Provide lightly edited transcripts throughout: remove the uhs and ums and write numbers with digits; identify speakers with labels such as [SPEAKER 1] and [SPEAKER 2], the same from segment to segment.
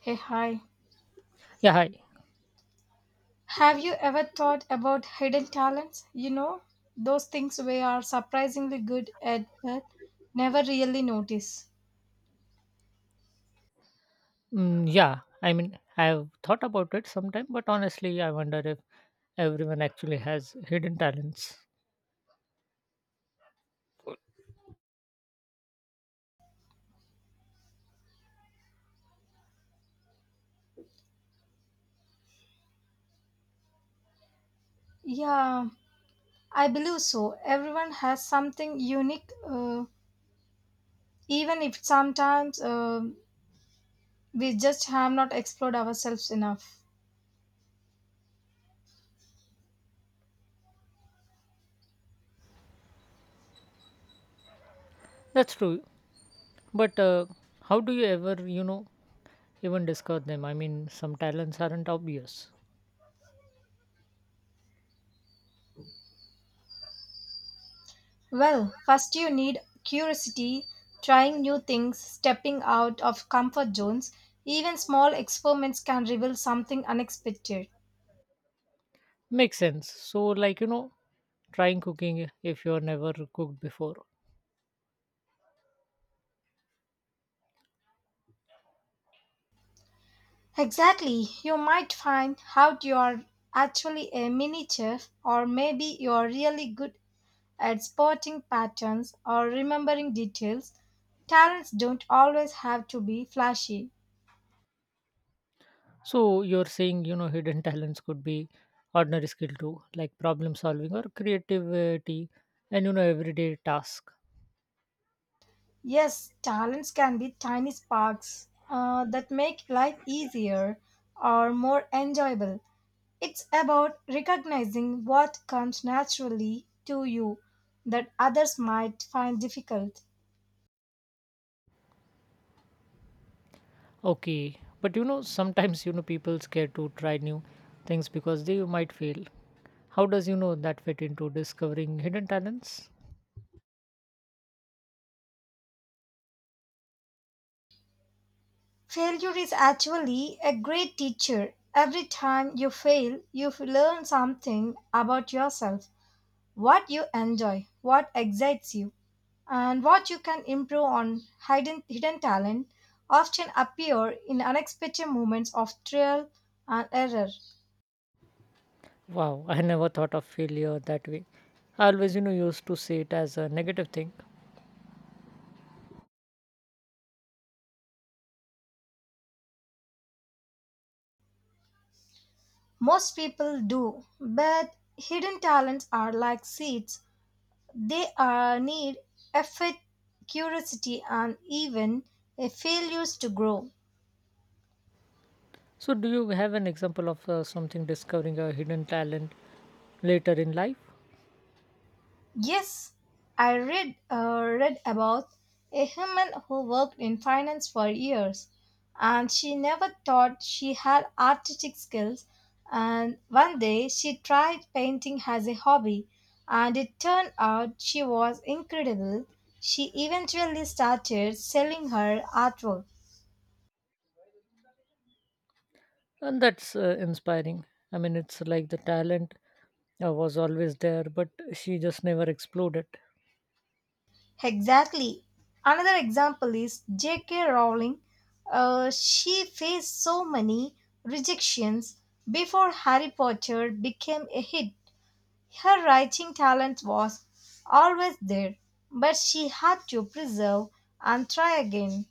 [SPEAKER 1] Hey, hi.
[SPEAKER 2] Yeah, hi.
[SPEAKER 1] Have you ever thought about hidden talents? Those things we are surprisingly good at but never really notice.
[SPEAKER 2] Yeah, I mean, I've thought about it sometime, but honestly, I wonder if everyone actually has hidden talents.
[SPEAKER 1] Yeah, I believe so. Everyone has something unique, even if sometimes we just have not explored ourselves enough.
[SPEAKER 2] That's true, but how do you ever, you know, even discover them? I mean, some talents aren't obvious.
[SPEAKER 1] Well, first you need curiosity, trying new things, stepping out of comfort zones. Even small experiments can reveal something unexpected.
[SPEAKER 2] Makes sense. So, like, you know, trying cooking if you're never cooked before.
[SPEAKER 1] Exactly. You might find out you're actually a mini chef, or maybe you're really good at spotting patterns or remembering details. Talents don't always have to be flashy.
[SPEAKER 2] So, you're saying, you know, hidden talents could be ordinary skill too, like problem solving or creativity and, you know, everyday task.
[SPEAKER 1] Yes, talents can be tiny sparks that make life easier or more enjoyable. It's about recognizing what comes naturally to you that others might find difficult.
[SPEAKER 2] Okay, but you know, sometimes you know people scared to try new things because they might fail. How does you know that fit into discovering hidden talents?
[SPEAKER 1] Failure is actually a great teacher. Every time you fail, you learn something about yourself, what you enjoy, what excites you, and what you can improve on. Hidden talent often appear in unexpected moments of trial and error.
[SPEAKER 2] Wow, I never thought of failure that way. I always you know used to see it as a negative thing.
[SPEAKER 1] Most people do, but hidden talents are like seeds. They are need effort, curiosity, and even a failures to grow.
[SPEAKER 2] So, do you have an example of something discovering a hidden talent later in life?
[SPEAKER 1] Yes, I read about a woman who worked in finance for years, and she never thought she had artistic skills. And one day she tried painting as a hobby, and it turned out she was incredible. She eventually started selling her artwork.
[SPEAKER 2] And that's inspiring. I mean, it's like the talent was always there, but she just never exploded.
[SPEAKER 1] Exactly. Another example is J.K. Rowling. She faced so many rejections before Harry Potter became a hit. Her writing talent was always there, but she had to preserve and try again.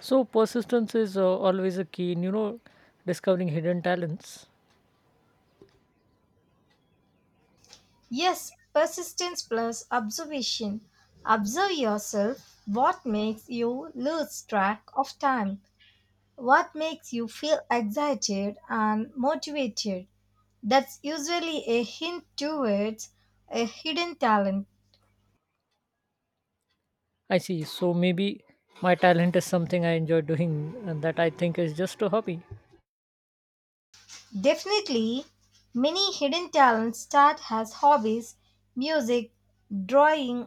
[SPEAKER 2] So persistence is always a key in you know discovering hidden talents.
[SPEAKER 1] Yes, persistence plus observation. Observe yourself what makes you lose track of time. What makes you feel excited and motivated? That's usually a hint towards a hidden talent.
[SPEAKER 2] I see. So maybe my talent is something I enjoy doing and that I think is just a hobby.
[SPEAKER 1] Definitely, many hidden talents start as hobbies: music, drawing,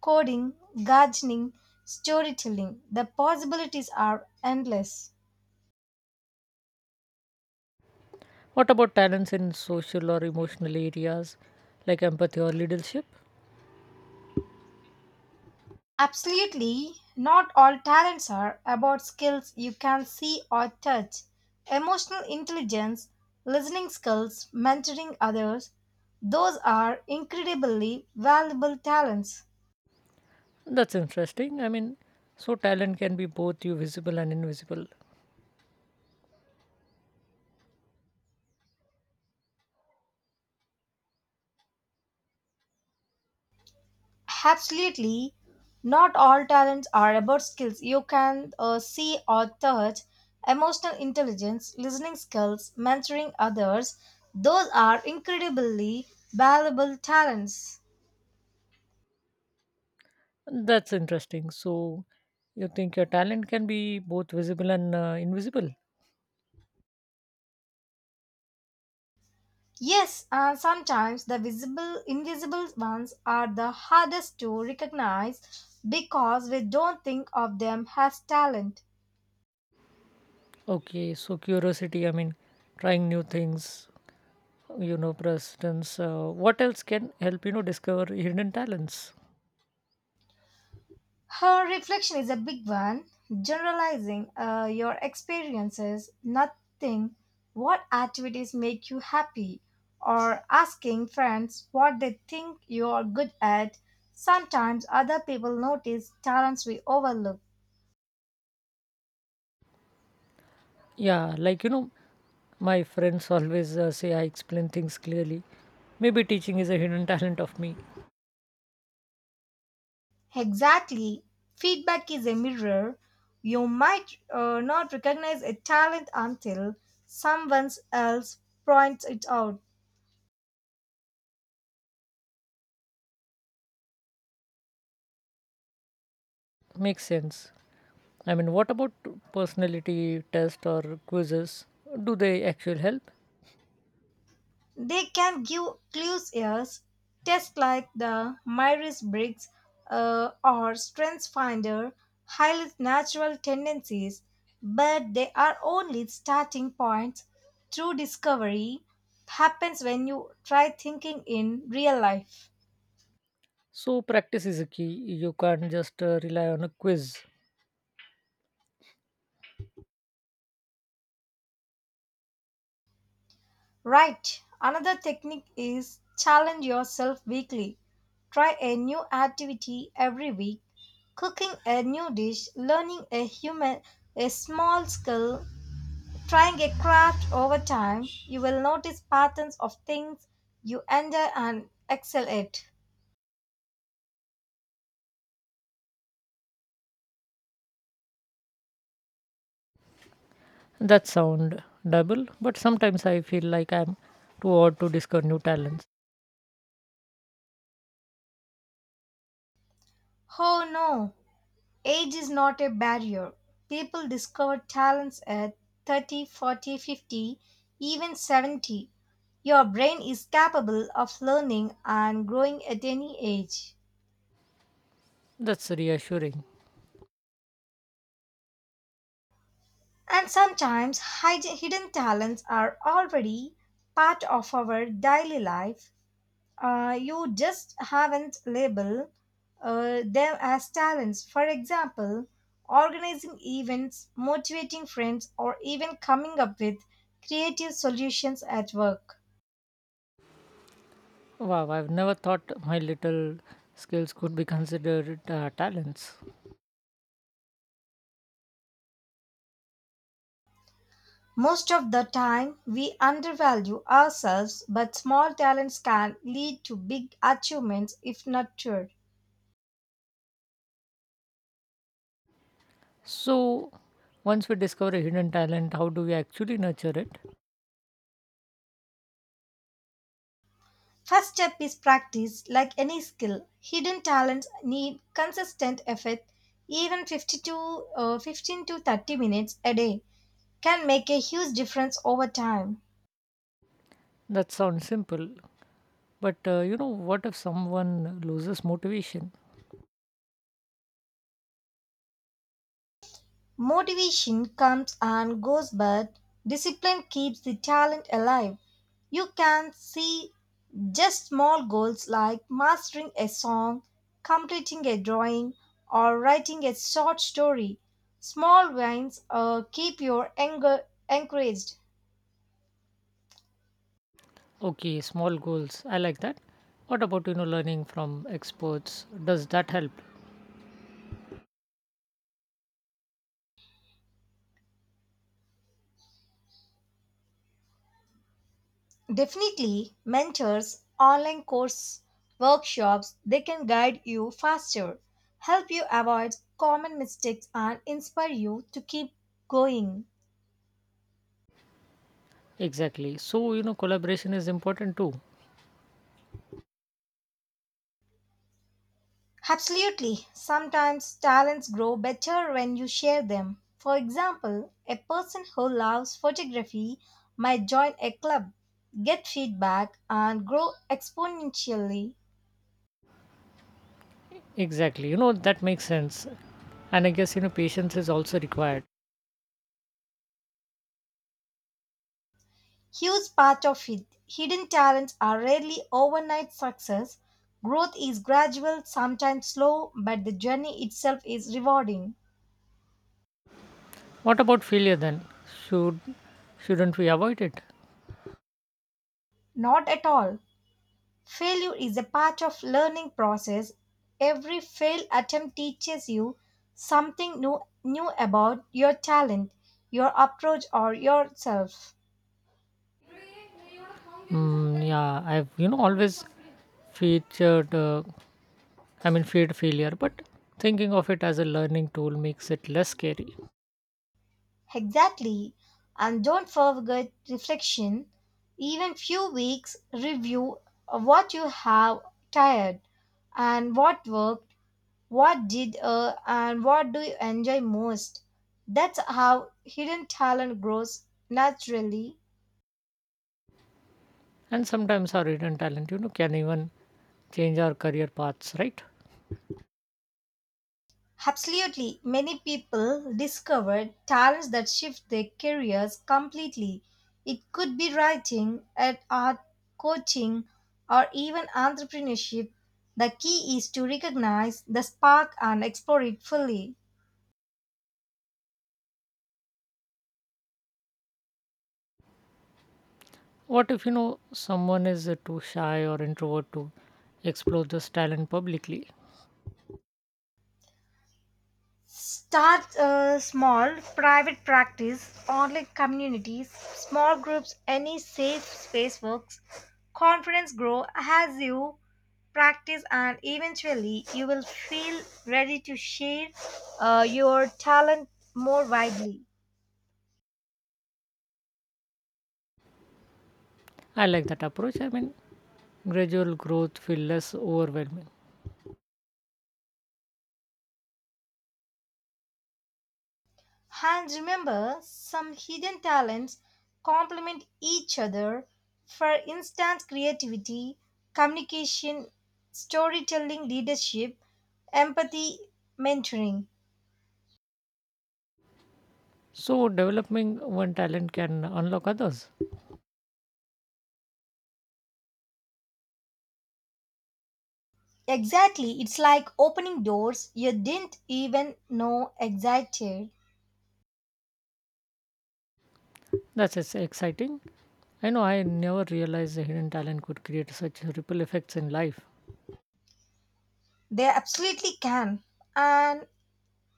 [SPEAKER 1] coding, gardening, storytelling. The possibilities are endless.
[SPEAKER 2] What about talents in social or emotional areas like empathy or leadership?
[SPEAKER 1] Absolutely. Not all talents are about skills you can see or touch. Emotional intelligence, listening skills, mentoring others, those are incredibly valuable talents.
[SPEAKER 2] That's interesting. I mean, so talent can be both you visible and invisible.
[SPEAKER 1] Absolutely. Not all talents are about skills you can see or touch. Emotional intelligence, listening skills, mentoring others, those are incredibly valuable talents.
[SPEAKER 2] That's interesting. So you think your talent can be both visible and invisible?
[SPEAKER 1] Yes, and sometimes the visible, invisible ones are the hardest to recognize because we don't think of them as talent.
[SPEAKER 2] Okay, so curiosity, I mean, trying new things, you know presence what else can help you know discover hidden talents?
[SPEAKER 1] Her reflection is a big one. Generalizing your experiences, nothing, what activities make you happy, or asking friends what they think you are good at. Sometimes other people notice talents we overlook.
[SPEAKER 2] Yeah, like you know my friends always say I explain things clearly. Maybe teaching is a hidden talent of me.
[SPEAKER 1] Exactly. Feedback is a mirror. You might not recognize a talent until someone else points it out.
[SPEAKER 2] Makes sense. I mean what about personality test or quizzes, do they actually help?
[SPEAKER 1] They can give clues as tests like the Myers Briggs or Strengths Finder highlight natural tendencies, but they are only starting points. True discovery happens when you try thinking in real life.
[SPEAKER 2] So practice is a key. You can't just rely on a quiz.
[SPEAKER 1] Right. Another technique is challenge yourself weekly. Try a new activity every week, cooking a new dish, learning a small skill, trying a craft over time. You will notice patterns of things you enjoy and excel at.
[SPEAKER 2] That sound double but sometimes I feel like I'm too odd to discover new talents.
[SPEAKER 1] Oh no, age is not a barrier. People discover talents at 30, 40, 50, even 70. Your brain is capable of learning and growing at any age.
[SPEAKER 2] That's reassuring.
[SPEAKER 1] And sometimes hidden talents are already part of our daily life. You just haven't labeled them as talents. For example, organizing events, motivating friends, or even coming up with creative solutions at work.
[SPEAKER 2] Wow, I've never thought my little skills could be considered talents.
[SPEAKER 1] Most of the time, we undervalue ourselves, but small talents can lead to big achievements if nurtured.
[SPEAKER 2] So, once we discover a hidden talent, how do we actually nurture it?
[SPEAKER 1] First step is practice, like any skill. Hidden talents need consistent effort, even 15 to 30 minutes a day. Can make a huge difference over time.
[SPEAKER 2] That sounds simple. But, you know, what if someone loses motivation?
[SPEAKER 1] Motivation comes and goes, but discipline keeps the talent alive. You can see just small goals like mastering a song, completing a drawing, or writing a short story. Small wins keep your anger encouraged.
[SPEAKER 2] Okay, small goals. I like that. What about, you know, learning from experts? Does that help?
[SPEAKER 1] Definitely, mentors, online course, workshops, they can guide you faster, help you avoid common mistakes, and inspire you to keep going.
[SPEAKER 2] Exactly. So, you know, collaboration is important too.
[SPEAKER 1] Absolutely, sometimes talents grow better when you share them. For example, a person who loves photography might join a club, get feedback, and grow exponentially.
[SPEAKER 2] Exactly. You know, that makes sense. And I guess, you know, patience is also required.
[SPEAKER 1] Huge part of hidden talents are rarely overnight success. Growth is gradual, sometimes slow, but the journey itself is rewarding.
[SPEAKER 2] What about failure then? Should shouldn't we avoid it?
[SPEAKER 1] Not at all. Failure is a part of learning process. Every failed attempt teaches you something new about your talent, your approach or yourself.
[SPEAKER 2] Yeah, I've you know always featured. I mean, feared failure, but thinking of it as a learning tool makes it less scary.
[SPEAKER 1] Exactly. And don't forget reflection. Even few weeks review what you have tired and what worked, what did and what do you enjoy most. That's how hidden talent grows naturally.
[SPEAKER 2] And sometimes our hidden talent, you know, can even change our career paths, right?
[SPEAKER 1] Absolutely, many people discover talents that shift their careers completely. It could be writing, art, coaching, or even entrepreneurship. The key is to recognize the spark and explore it fully.
[SPEAKER 2] What if you know someone is too shy or introvert to explore this talent publicly?
[SPEAKER 1] Start a small private practice, online communities, small groups, any safe space works. Confidence grow as you practice and eventually you will feel ready to share your talent more widely.
[SPEAKER 2] I like that approach. I mean, gradual growth feel less overwhelming.
[SPEAKER 1] And remember, some hidden talents complement each other. For instance, creativity, communication, storytelling, leadership, empathy, mentoring.
[SPEAKER 2] So, developing one talent can unlock others.
[SPEAKER 1] Exactly, it's like opening doors you didn't even know existed.
[SPEAKER 2] That's exciting. I know I never realized the hidden talent could create such ripple effects in life.
[SPEAKER 1] They absolutely can. And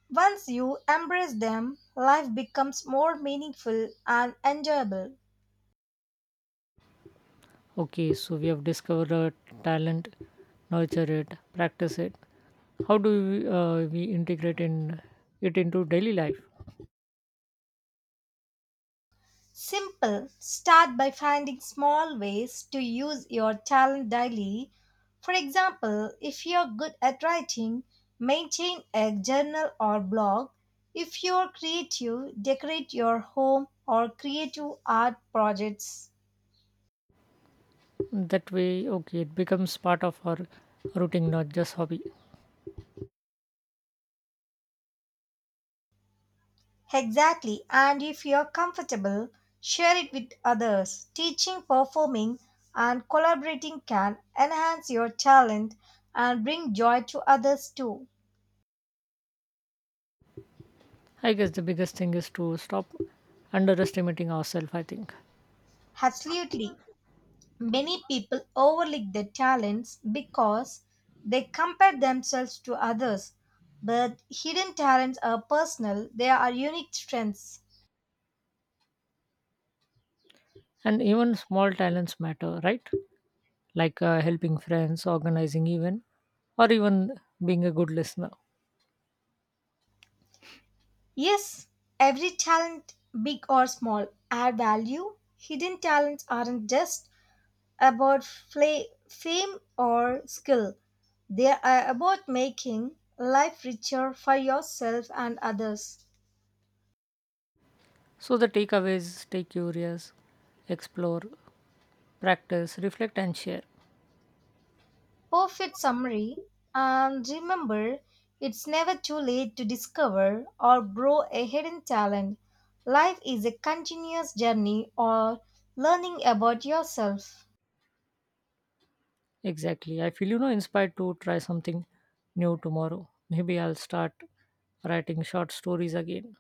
[SPEAKER 1] once you embrace them, life becomes more meaningful and enjoyable.
[SPEAKER 2] Okay, so we have discovered a talent, nurture it, practice it. How do we, integrate in it into daily life?
[SPEAKER 1] Simple. Start by finding small ways to use your talent daily. For example, if you're good at writing, maintain a journal or blog. If you're creative, decorate your home or creative art projects.
[SPEAKER 2] That way, okay, it becomes part of our routine, not just hobby.
[SPEAKER 1] Exactly. And if you're comfortable, share it with others. Teaching, performing, and collaborating can enhance your talent and bring joy to others too.
[SPEAKER 2] I guess the biggest thing is to stop underestimating ourselves. I think,
[SPEAKER 1] Absolutely. Many people overlook their talents because they compare themselves to others, but hidden talents are personal, they are unique strengths.
[SPEAKER 2] and even small talents matter, right? Like helping friends, organizing event, or even being a good listener.
[SPEAKER 1] Yes, every talent, big or small, add value. Hidden talents aren't just about fame or skill, they are about making life richer for yourself and others.
[SPEAKER 2] So the takeaways: stay curious, explore, practice, reflect, and share.
[SPEAKER 1] Perfect summary. And remember, it's never too late to discover or grow a hidden talent. Life is a continuous journey or learning about yourself.
[SPEAKER 2] Exactly. I feel you know inspired to try something new tomorrow. Maybe I'll start writing short stories again.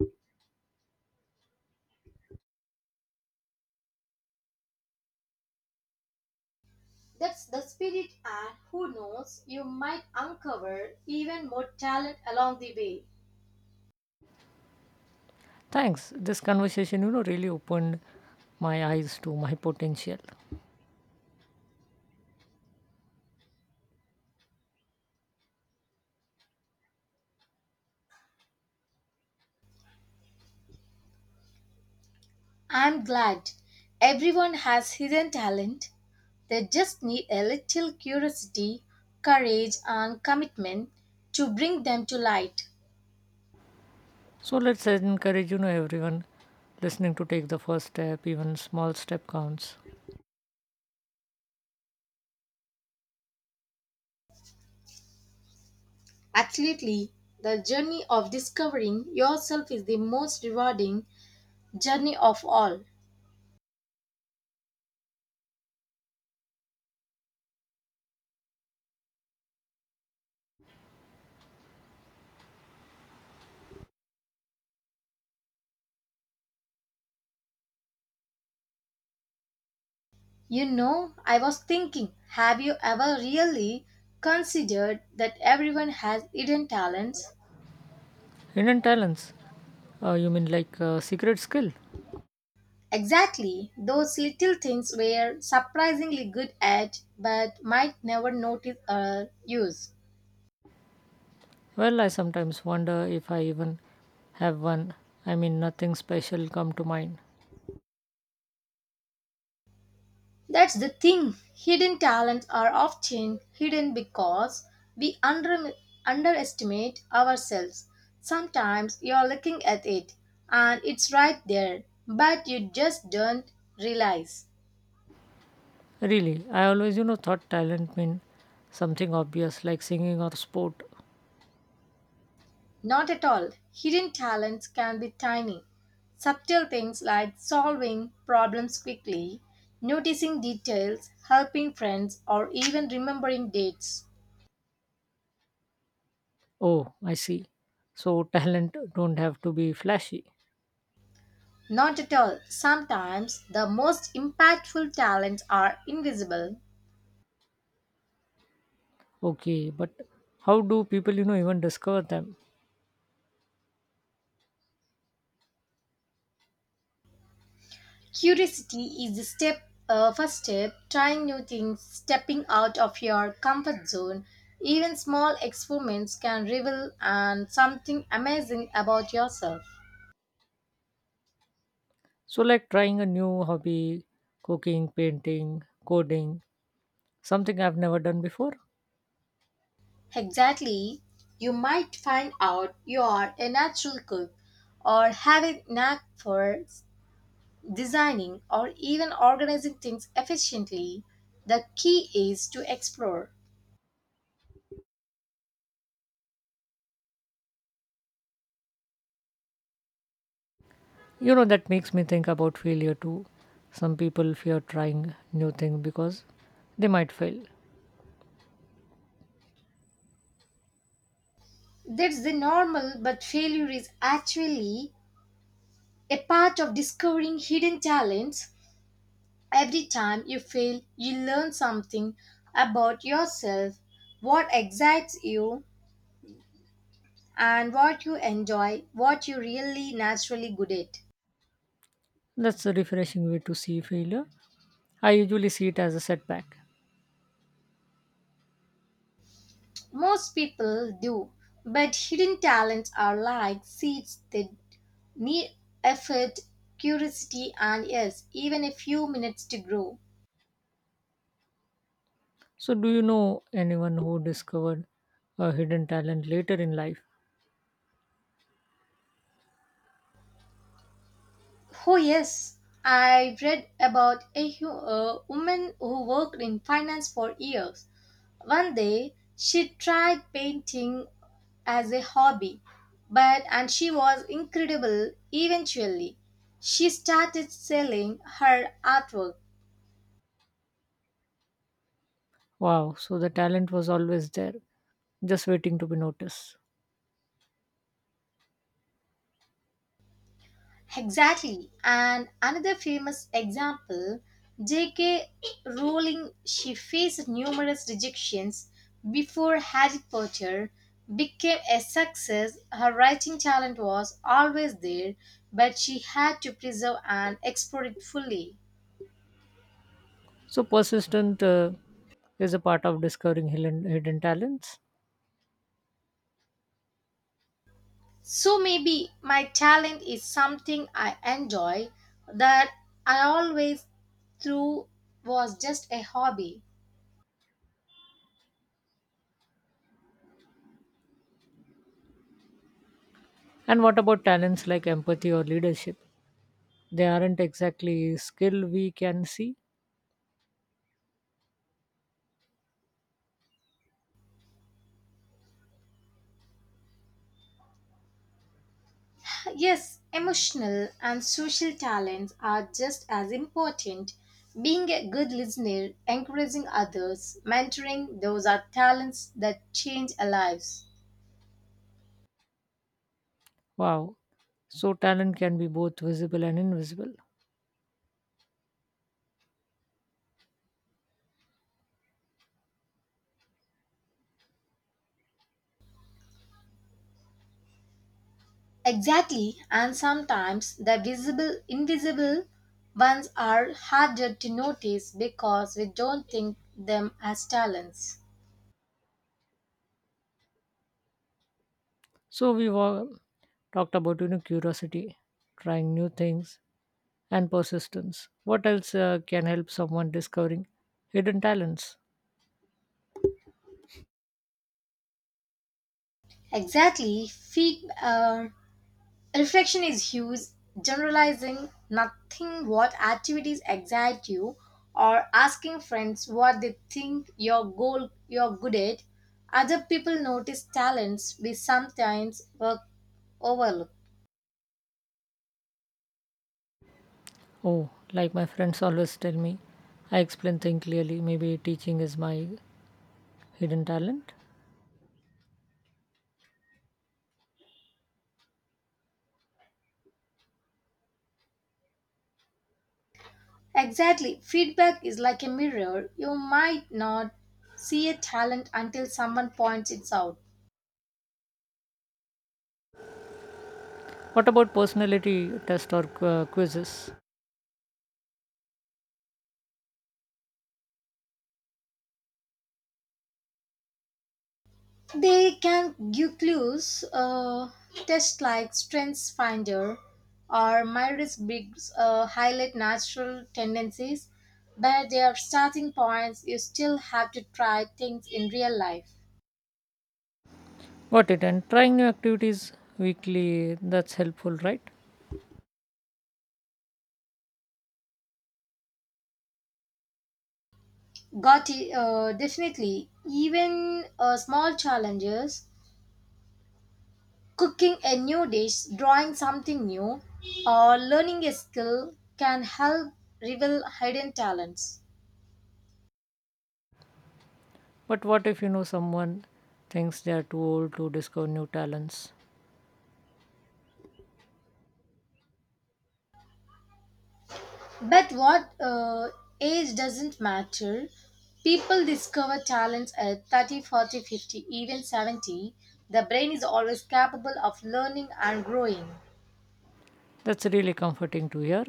[SPEAKER 1] That's the spirit, and who knows, you might uncover even more talent along the way.
[SPEAKER 2] Thanks. This conversation, you know, really opened my eyes to my potential.
[SPEAKER 1] I'm glad everyone has hidden talent. They just need a little curiosity, courage, and commitment to bring them to light.
[SPEAKER 2] So let's encourage, you know, everyone listening to take the first step, even small step counts.
[SPEAKER 1] Absolutely. The journey of discovering yourself is the most rewarding journey of all. I was thinking, have you ever really considered that everyone has hidden talents?
[SPEAKER 2] Hidden talents. You mean like a secret skill?
[SPEAKER 1] Exactly, those little things we're surprisingly good at but might never notice or use.
[SPEAKER 2] Well, I sometimes wonder if I even have one. I mean, nothing special come to mind.
[SPEAKER 1] That's the thing. Hidden talents are often hidden because we underestimate ourselves. Sometimes you're looking at it and it's right there, but you just don't realize.
[SPEAKER 2] Really, I always, you know, thought talent mean something obvious like singing or sport.
[SPEAKER 1] Not at all. Hidden talents can be tiny. Subtle things like solving problems quickly, noticing details, helping friends, or even remembering dates.
[SPEAKER 2] Oh, I see. So talent don't have to be flashy.
[SPEAKER 1] Not at all. Sometimes the most impactful talents are invisible.
[SPEAKER 2] Okay, but how do people, you know, even discover them?
[SPEAKER 1] Curiosity is the first step, trying new things, stepping out of your comfort zone. Even small experiments can reveal and something amazing about yourself.
[SPEAKER 2] So like trying a new hobby, cooking, painting, coding, something I've never done before.
[SPEAKER 1] Exactly. You might find out you are a natural cook or have a knack for designing or even organizing things efficiently. The key is to explore.
[SPEAKER 2] You know that makes me think about failure too. Some people fear trying new thing because they might fail.
[SPEAKER 1] That's the normal, but failure is actually a part of discovering hidden talents. Every time you fail, you learn something about yourself, what excites you, and what you enjoy, what you're really naturally good at.
[SPEAKER 2] That's a refreshing way to see failure. I usually see it as a setback.
[SPEAKER 1] Most people do, but hidden talents are like seeds that need effort, curiosity, and yes, even a few minutes to grow.
[SPEAKER 2] So do you know anyone who discovered a hidden talent later in life?
[SPEAKER 1] Oh, yes, I read about a woman who worked in finance for years. One day, she tried painting as a hobby, but and she was incredible eventually. She started selling her artwork.
[SPEAKER 2] Wow, so the talent was always there, just waiting to be noticed.
[SPEAKER 1] Exactly. And another famous example, J.K. Rowling, she faced numerous rejections before Harry Potter became a success. Her writing talent was always there, but she had to preserve and explore it fully.
[SPEAKER 2] So persistent is a part of discovering hidden talents.
[SPEAKER 1] So maybe my talent is something I enjoy that I always through was just a hobby.
[SPEAKER 2] And what about talents like empathy or leadership? They aren't exactly skill we can see.
[SPEAKER 1] Yes, emotional and social talents are just as important. Being a good listener, encouraging others, mentoring, those are talents that change our lives.
[SPEAKER 2] Wow. So talent can be both visible and invisible.
[SPEAKER 1] Exactly, and sometimes the visible, invisible ones are harder to notice because we don't think them as talents.
[SPEAKER 2] So we've all talked about you know curiosity, trying new things, and persistence. What else can help someone discovering hidden talents?
[SPEAKER 1] Exactly, reflection is huge. Generalizing nothing what activities excite you or asking friends what they think your goal you're good at. Other people notice talents we sometimes work overlook.
[SPEAKER 2] Oh, like my friends always tell me, I explain things clearly. Maybe teaching is my hidden talent.
[SPEAKER 1] Exactly. Feedback is like a mirror. You might not see a talent until someone points it out.
[SPEAKER 2] What about personality test or quizzes?
[SPEAKER 1] They can give clues, tests like Strengths Finder or My Risk Bigs highlight natural tendencies, but their starting points you still have to try things in real life.
[SPEAKER 2] Got it. And trying new activities weekly, that's helpful, right?
[SPEAKER 1] Got it, definitely. Even small challenges, cooking a new dish, drawing something new, or learning a skill can help reveal hidden talents.
[SPEAKER 2] But what if you know someone thinks they are too old to discover new talents?
[SPEAKER 1] But what age doesn't matter. People discover talents at 30, 40, 50, even 70. The brain is always capable of learning and growing.
[SPEAKER 2] That's really comforting to hear.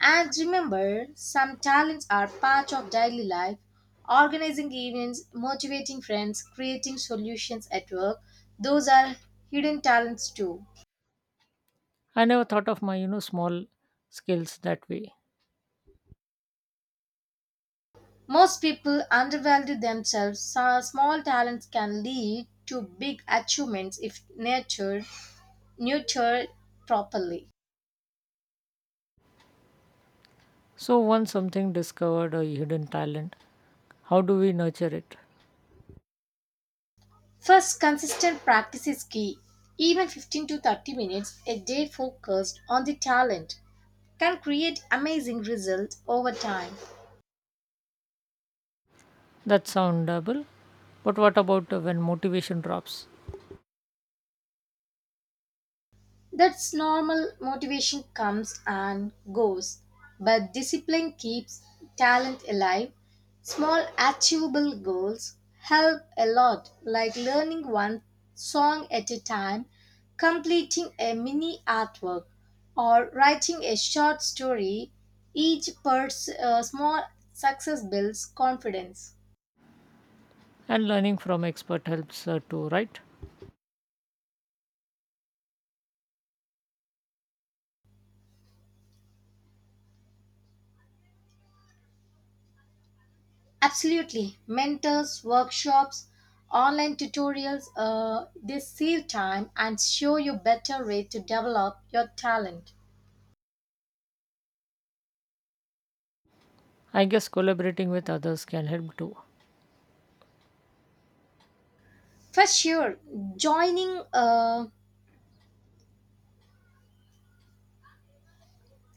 [SPEAKER 1] And remember, some talents are part of daily life. Organizing events, motivating friends, creating solutions at work, those are hidden talents too.
[SPEAKER 2] I never thought of my, you know, small skills that way.
[SPEAKER 1] Most people undervalue themselves. So small talents can lead to big achievements if nurtured properly.
[SPEAKER 2] So once something discovered a hidden talent, how do we nurture it?
[SPEAKER 1] First, consistent practice is key. Even 15 to 30 minutes a day focused on the talent can create amazing results over time.
[SPEAKER 2] That soundable. But what about when motivation drops?
[SPEAKER 1] That's normal. Motivation comes and goes, but discipline keeps talent alive. Small achievable goals help a lot, like learning one song at a time, completing a mini artwork, or writing a short story. Small success builds confidence.
[SPEAKER 2] And learning from expert helps too, right?
[SPEAKER 1] Absolutely. Mentors, workshops, online tutorials, they save time and show you better way to develop your talent.
[SPEAKER 2] I guess collaborating with others can help too.
[SPEAKER 1] For sure, joining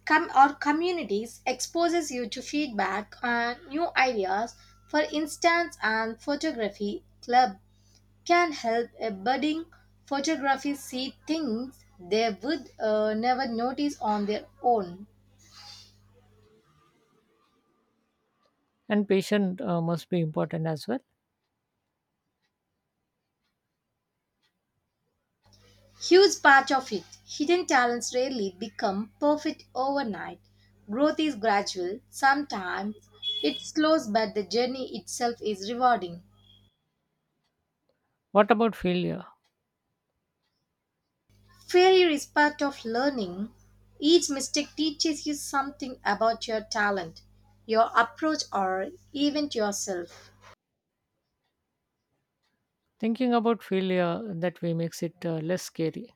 [SPEAKER 1] com- or communities exposes you to feedback and new ideas. For instance, an photography club can help a budding photography see things they would never notice on their own.
[SPEAKER 2] And patient must be important as well.
[SPEAKER 1] Huge part of it. Hidden talents rarely become perfect overnight. Growth is gradual. Sometimes it slows, but the journey itself is rewarding.
[SPEAKER 2] What about failure?
[SPEAKER 1] Failure is part of learning. Each mistake teaches you something about your talent, your approach, or even yourself.
[SPEAKER 2] Thinking about failure that way makes it less scary.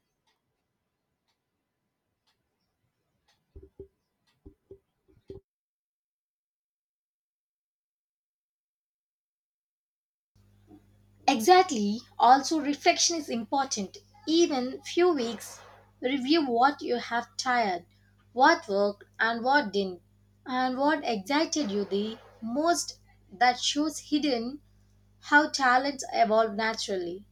[SPEAKER 1] Exactly. Also, reflection is important. Even few weeks, review what you have tried, what worked and what didn't, and what excited you the most. That shows hidden how talents evolve naturally.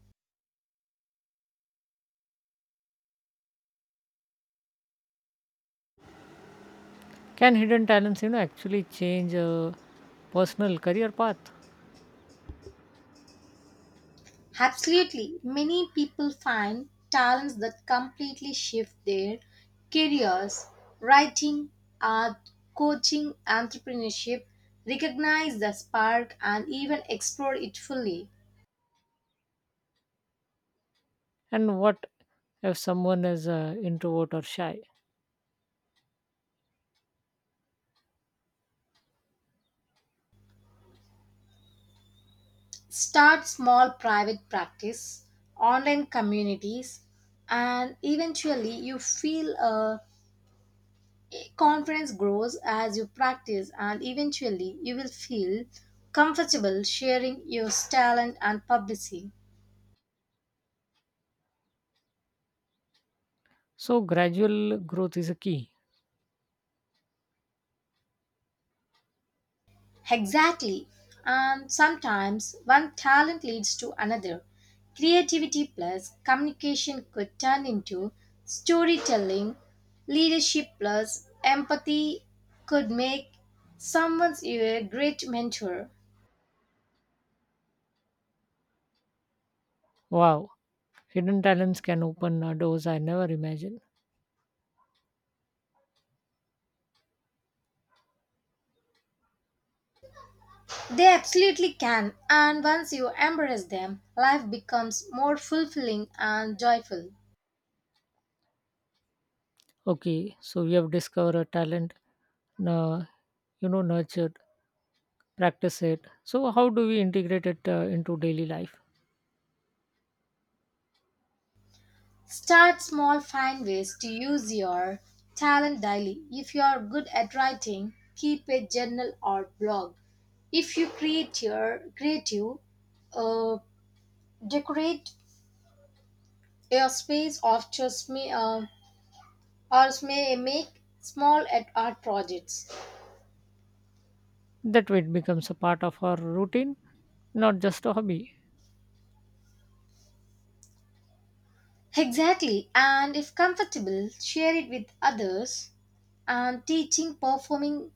[SPEAKER 2] Can hidden talents, you know, actually change a personal career path?
[SPEAKER 1] Absolutely. Many people find talents that completely shift their careers. Writing, art, coaching, entrepreneurship recognize the spark and even explore it fully.
[SPEAKER 2] And what if someone is introvert or shy?
[SPEAKER 1] Start small private practice, online communities, and eventually you feel a confidence grows as you practice, and eventually you will feel comfortable sharing your talent and publicity.
[SPEAKER 2] So gradual growth is a key.
[SPEAKER 1] Exactly. And sometimes one talent leads to another. Creativity plus communication could turn into storytelling. Leadership plus empathy could make someone you a great mentor.
[SPEAKER 2] Wow, hidden talents can open doors I never imagined.
[SPEAKER 1] They absolutely can. And once you embrace them, life becomes more fulfilling and joyful.
[SPEAKER 2] Okay, so we have discovered a talent, uh, you know, nurtured, practice it. So how do we integrate it into daily life?
[SPEAKER 1] Start small, find ways to use your talent daily. If you are good at writing, keep a journal or blog. If you create your creative, uh, decorate your space or just may make small at art projects.
[SPEAKER 2] That way, it becomes a part of our routine, not just a hobby.
[SPEAKER 1] Exactly, and if comfortable, share it with others. And teaching performing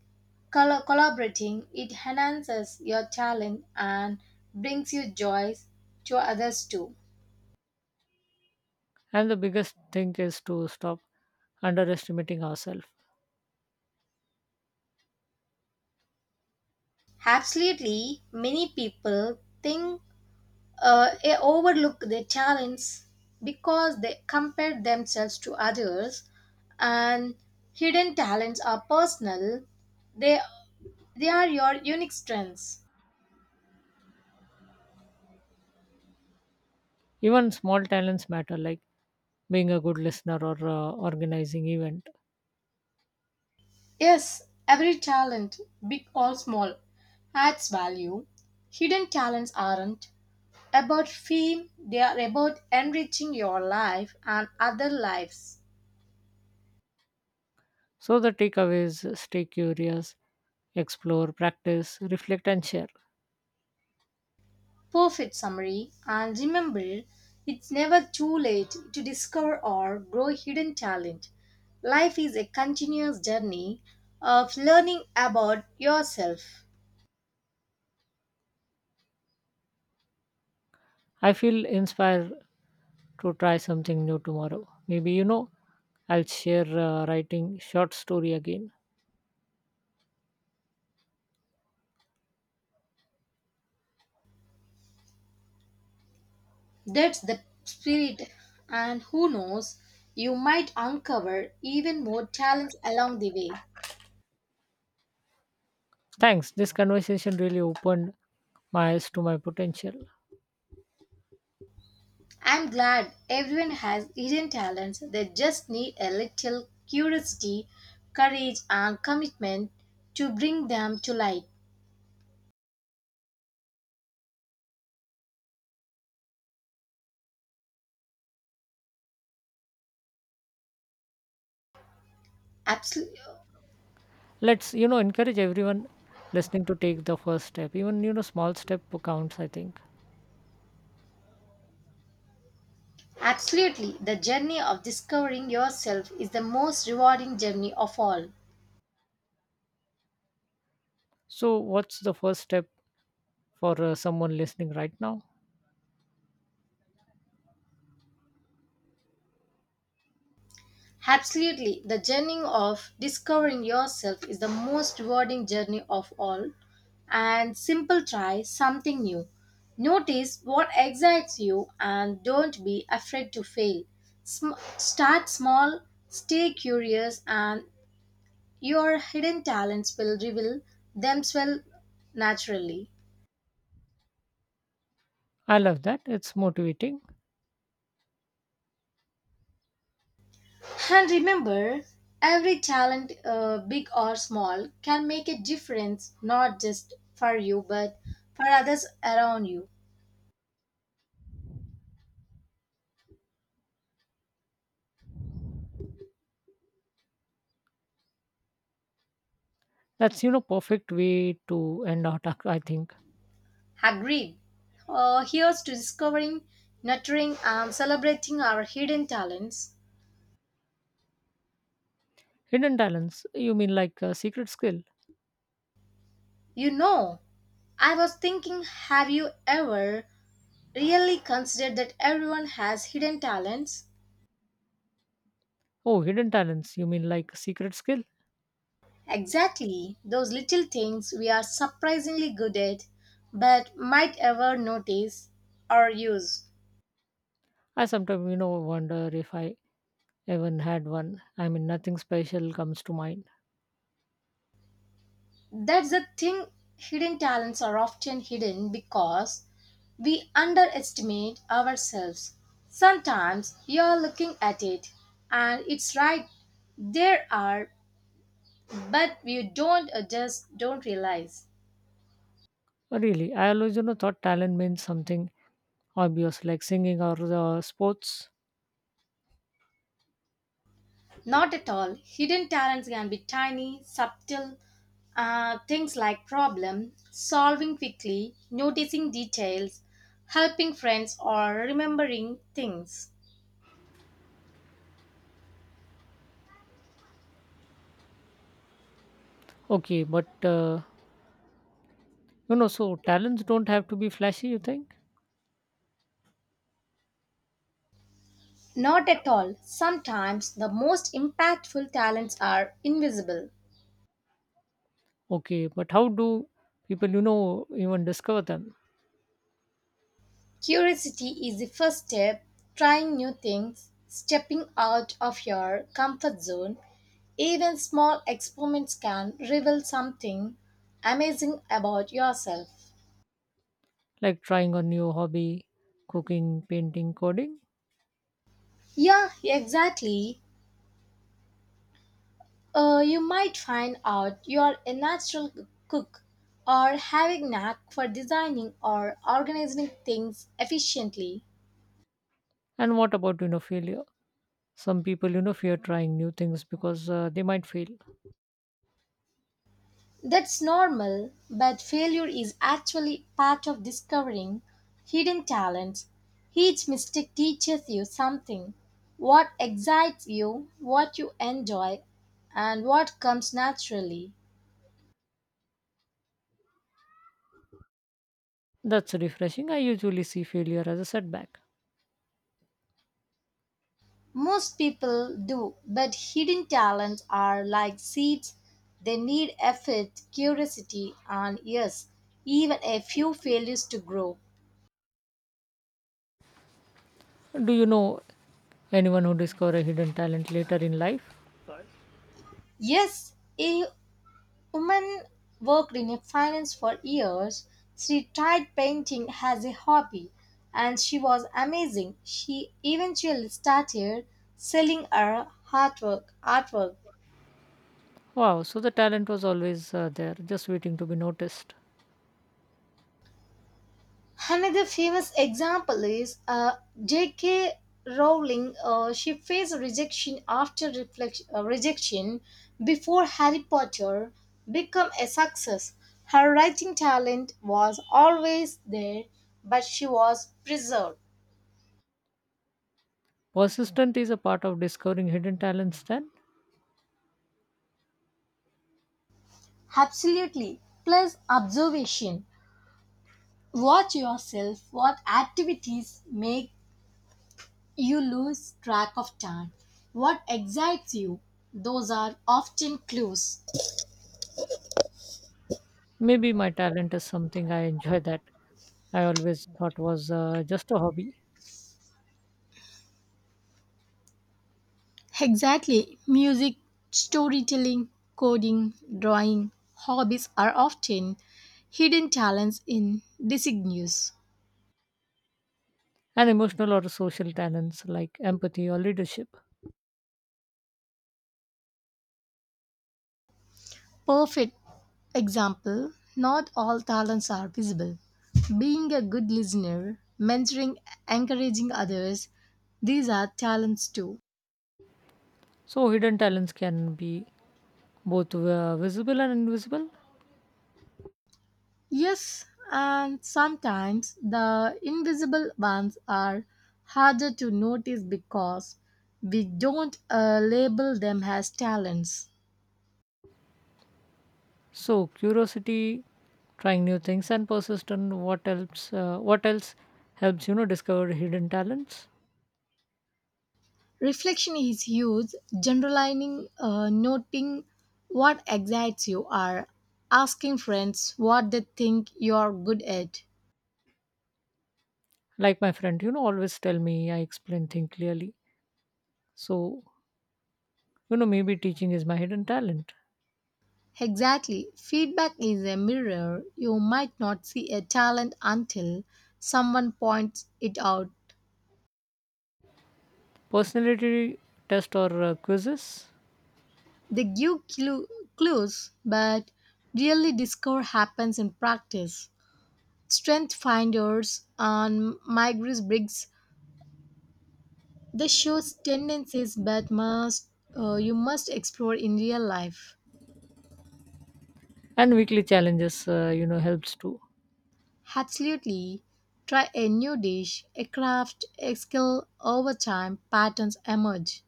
[SPEAKER 1] Collaborating, it enhances your talent and brings you joy to others too.
[SPEAKER 2] And the biggest thing is to stop underestimating ourselves.
[SPEAKER 1] Absolutely, many people think they overlook their talents because they compare themselves to others, and hidden talents are personal. They they are your unique strengths.
[SPEAKER 2] Even small talents matter, like being a good listener or organizing event.
[SPEAKER 1] Yes, every talent, big or small, adds value. Hidden talents aren't about fame, they are about enriching your life and other lives.
[SPEAKER 2] So the takeaway is stay curious, explore, practice, reflect, and share.
[SPEAKER 1] Perfect summary. And remember, it's never too late to discover or grow hidden talent. Life is a continuous journey of learning about yourself.
[SPEAKER 2] I feel inspired to try something new tomorrow. Maybe you know, I'll share writing short story again.
[SPEAKER 1] That's the spirit, and who knows, you might uncover even more talents along the way.
[SPEAKER 2] Thanks. This conversation really opened my eyes to my potential.
[SPEAKER 1] I'm glad everyone has hidden talents. They just need a little curiosity, courage, and commitment to bring them to light. Absol-
[SPEAKER 2] Let's you know encourage everyone listening to take the first step, even you know small step counts I think.
[SPEAKER 1] Absolutely, the journey of discovering yourself is the most rewarding journey of all.
[SPEAKER 2] So what's the first step for someone listening right now?
[SPEAKER 1] Absolutely. The journey of discovering yourself is the most rewarding journey of all. And simple try something new. Notice what excites you and don't be afraid to fail. Start small, stay curious, and your hidden talents will reveal themselves naturally.
[SPEAKER 2] I love that. It's motivating.
[SPEAKER 1] And remember, every talent, big or small, can make a difference not just for you but for others around you.
[SPEAKER 2] That's you know perfect way to end our talk I think.
[SPEAKER 1] Agreed. Here's to discovering, nurturing, and celebrating our hidden talents.
[SPEAKER 2] Hidden talents, you mean like a secret skill?
[SPEAKER 1] You know, I was thinking, have you ever really considered that everyone has hidden talents?
[SPEAKER 2] Oh, hidden talents, you mean like secret skill?
[SPEAKER 1] Exactly, those little things we are surprisingly good at but might ever notice or use.
[SPEAKER 2] I sometimes you know wonder if I even had one. I mean nothing special comes to mind.
[SPEAKER 1] That's the thing, hidden talents are often hidden because we underestimate ourselves. Sometimes you're looking at it and it's right there are, but you don't just don't realize.
[SPEAKER 2] Really, I always you know thought talent means something obvious like singing or the sports.
[SPEAKER 1] Not at all. Hidden talents can be tiny, subtle things like problem solving quickly, noticing details, helping friends, or remembering things.
[SPEAKER 2] Okay, but you know, so talents don't have to be flashy, you think?
[SPEAKER 1] Not at all. Sometimes the most impactful talents are invisible.
[SPEAKER 2] Okay, but how do people, you know, even discover them?
[SPEAKER 1] Curiosity is the first step, trying new things, stepping out of your comfort zone. Even small experiments can reveal something amazing about yourself.
[SPEAKER 2] Like trying a new hobby, cooking, painting, coding?
[SPEAKER 1] Yeah, exactly. You might find out you're a natural cook or having knack for designing or organizing things efficiently.
[SPEAKER 2] And what about, you know, failure? Some people, you know, fear trying new things because they might fail.
[SPEAKER 1] That's normal, but failure is actually part of discovering hidden talents. Each mistake teaches you something what excites you, what you enjoy, and what comes naturally.
[SPEAKER 2] That's refreshing. I usually see failure as a setback.
[SPEAKER 1] Most people do, but hidden talents are like seeds. They need effort, curiosity, and yes, even a few failures to grow.
[SPEAKER 2] Do you know anyone who discovered a hidden talent later in life?
[SPEAKER 1] Yes, a woman worked in finance for years. She tried painting as a hobby and she was amazing. She eventually started selling her artwork,
[SPEAKER 2] Wow, so the talent was always there, just waiting to be noticed.
[SPEAKER 1] Another famous example is J.K. Rowling. She faced rejection after rejection before Harry Potter became a success. Her writing talent was always there, but she was preserved.
[SPEAKER 2] Persistent is a part of discovering hidden talents then?
[SPEAKER 1] Absolutely. Plus observation. Watch yourself. What activities make you lose track of time? What excites you? Those are often clues.
[SPEAKER 2] Maybe my talent is something I enjoy that I always thought was just a hobby,
[SPEAKER 1] Exactly. Music, storytelling, coding, drawing, hobbies are often hidden talents in disguise.
[SPEAKER 2] and emotional or social talents like empathy or leadership.
[SPEAKER 1] Perfect example not all talents are visible. Being a good listener, mentoring, encouraging others, these are talents too.
[SPEAKER 2] So, hidden talents can be both visible and invisible.
[SPEAKER 1] Yes, and sometimes the invisible ones are harder to notice because we don't label them as talents.
[SPEAKER 2] So, curiosity, trying new things, and persistent. What else? What else helps you know discover hidden talents?
[SPEAKER 1] Reflection is huge, generalizing, noting what excites you, are asking friends what they think you're good at.
[SPEAKER 2] Like my friend, you know, always tell me I explain things clearly. So, you know, maybe teaching is my hidden talent.
[SPEAKER 1] Exactly, feedback is a mirror. You might not see a talent until someone points it out.
[SPEAKER 2] Personality test or quizzes?
[SPEAKER 1] They give clues, but really discover happens in practice. Strength finders on Migris Briggs they show tendencies but must you must explore in real life.
[SPEAKER 2] And weekly challenges you know helps too.
[SPEAKER 1] Absolutely. Try a new dish, a craft, a skill over time, patterns emerge.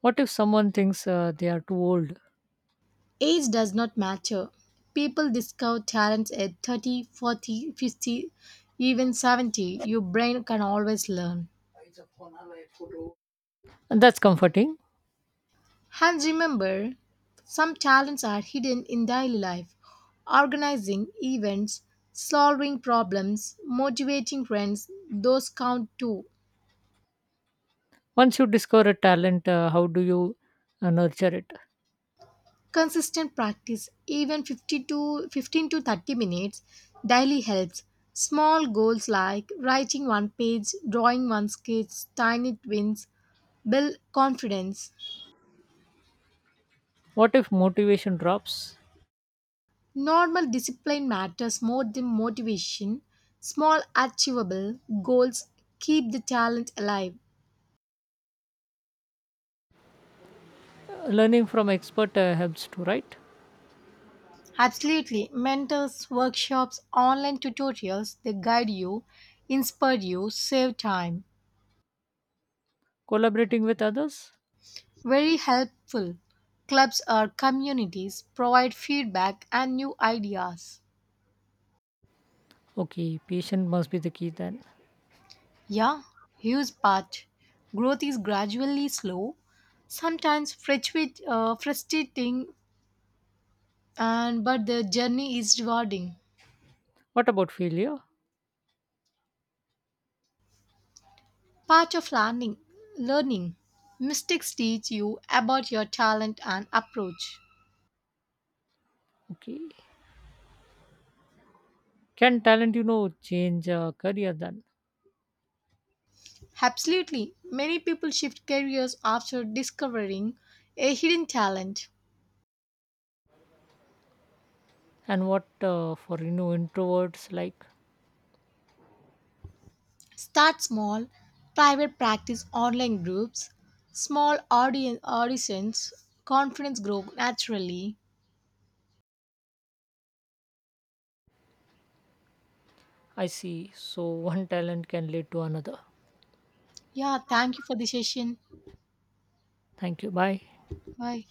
[SPEAKER 2] What if someone thinks they are too old?
[SPEAKER 1] Age does not matter. People discover talents at 30, 40, 50, even 70. Your brain can always learn.
[SPEAKER 2] And that's comforting.
[SPEAKER 1] And remember, some talents are hidden in daily life. Organizing events, solving problems, motivating friends, those count too.
[SPEAKER 2] Once you discover a talent how do you nurture it?
[SPEAKER 1] Consistent practice, even 15 to 30 minutes daily helps. Small goals like writing one page, drawing one sketch, tiny wins build confidence.
[SPEAKER 2] What if motivation drops?
[SPEAKER 1] Normal discipline matters more than motivation. Small, achievable goals keep the talent alive.
[SPEAKER 2] Learning from expert helps too, right?
[SPEAKER 1] Absolutely. Mentors, workshops, online tutorials, they guide you, inspire you, save time.
[SPEAKER 2] Collaborating with others.
[SPEAKER 1] Very helpful. Clubs or communities provide feedback and new ideas.
[SPEAKER 2] Okay, patient must be the key then.
[SPEAKER 1] Yeah, huge part. Growth is gradually slow, sometimes frustrating and but the journey is rewarding
[SPEAKER 2] What about failure?
[SPEAKER 1] part of learning mistakes teach you about your talent and approach
[SPEAKER 2] Okay, can talent you know change career then?
[SPEAKER 1] absolutely many people shift careers after discovering a hidden talent
[SPEAKER 2] And what for you know introverts like.
[SPEAKER 1] start small private practice online groups small audience auditions confidence grow naturally
[SPEAKER 2] I see. So one talent can lead to another.
[SPEAKER 1] yeah thank you for the session
[SPEAKER 2] Thank you, bye.
[SPEAKER 1] bye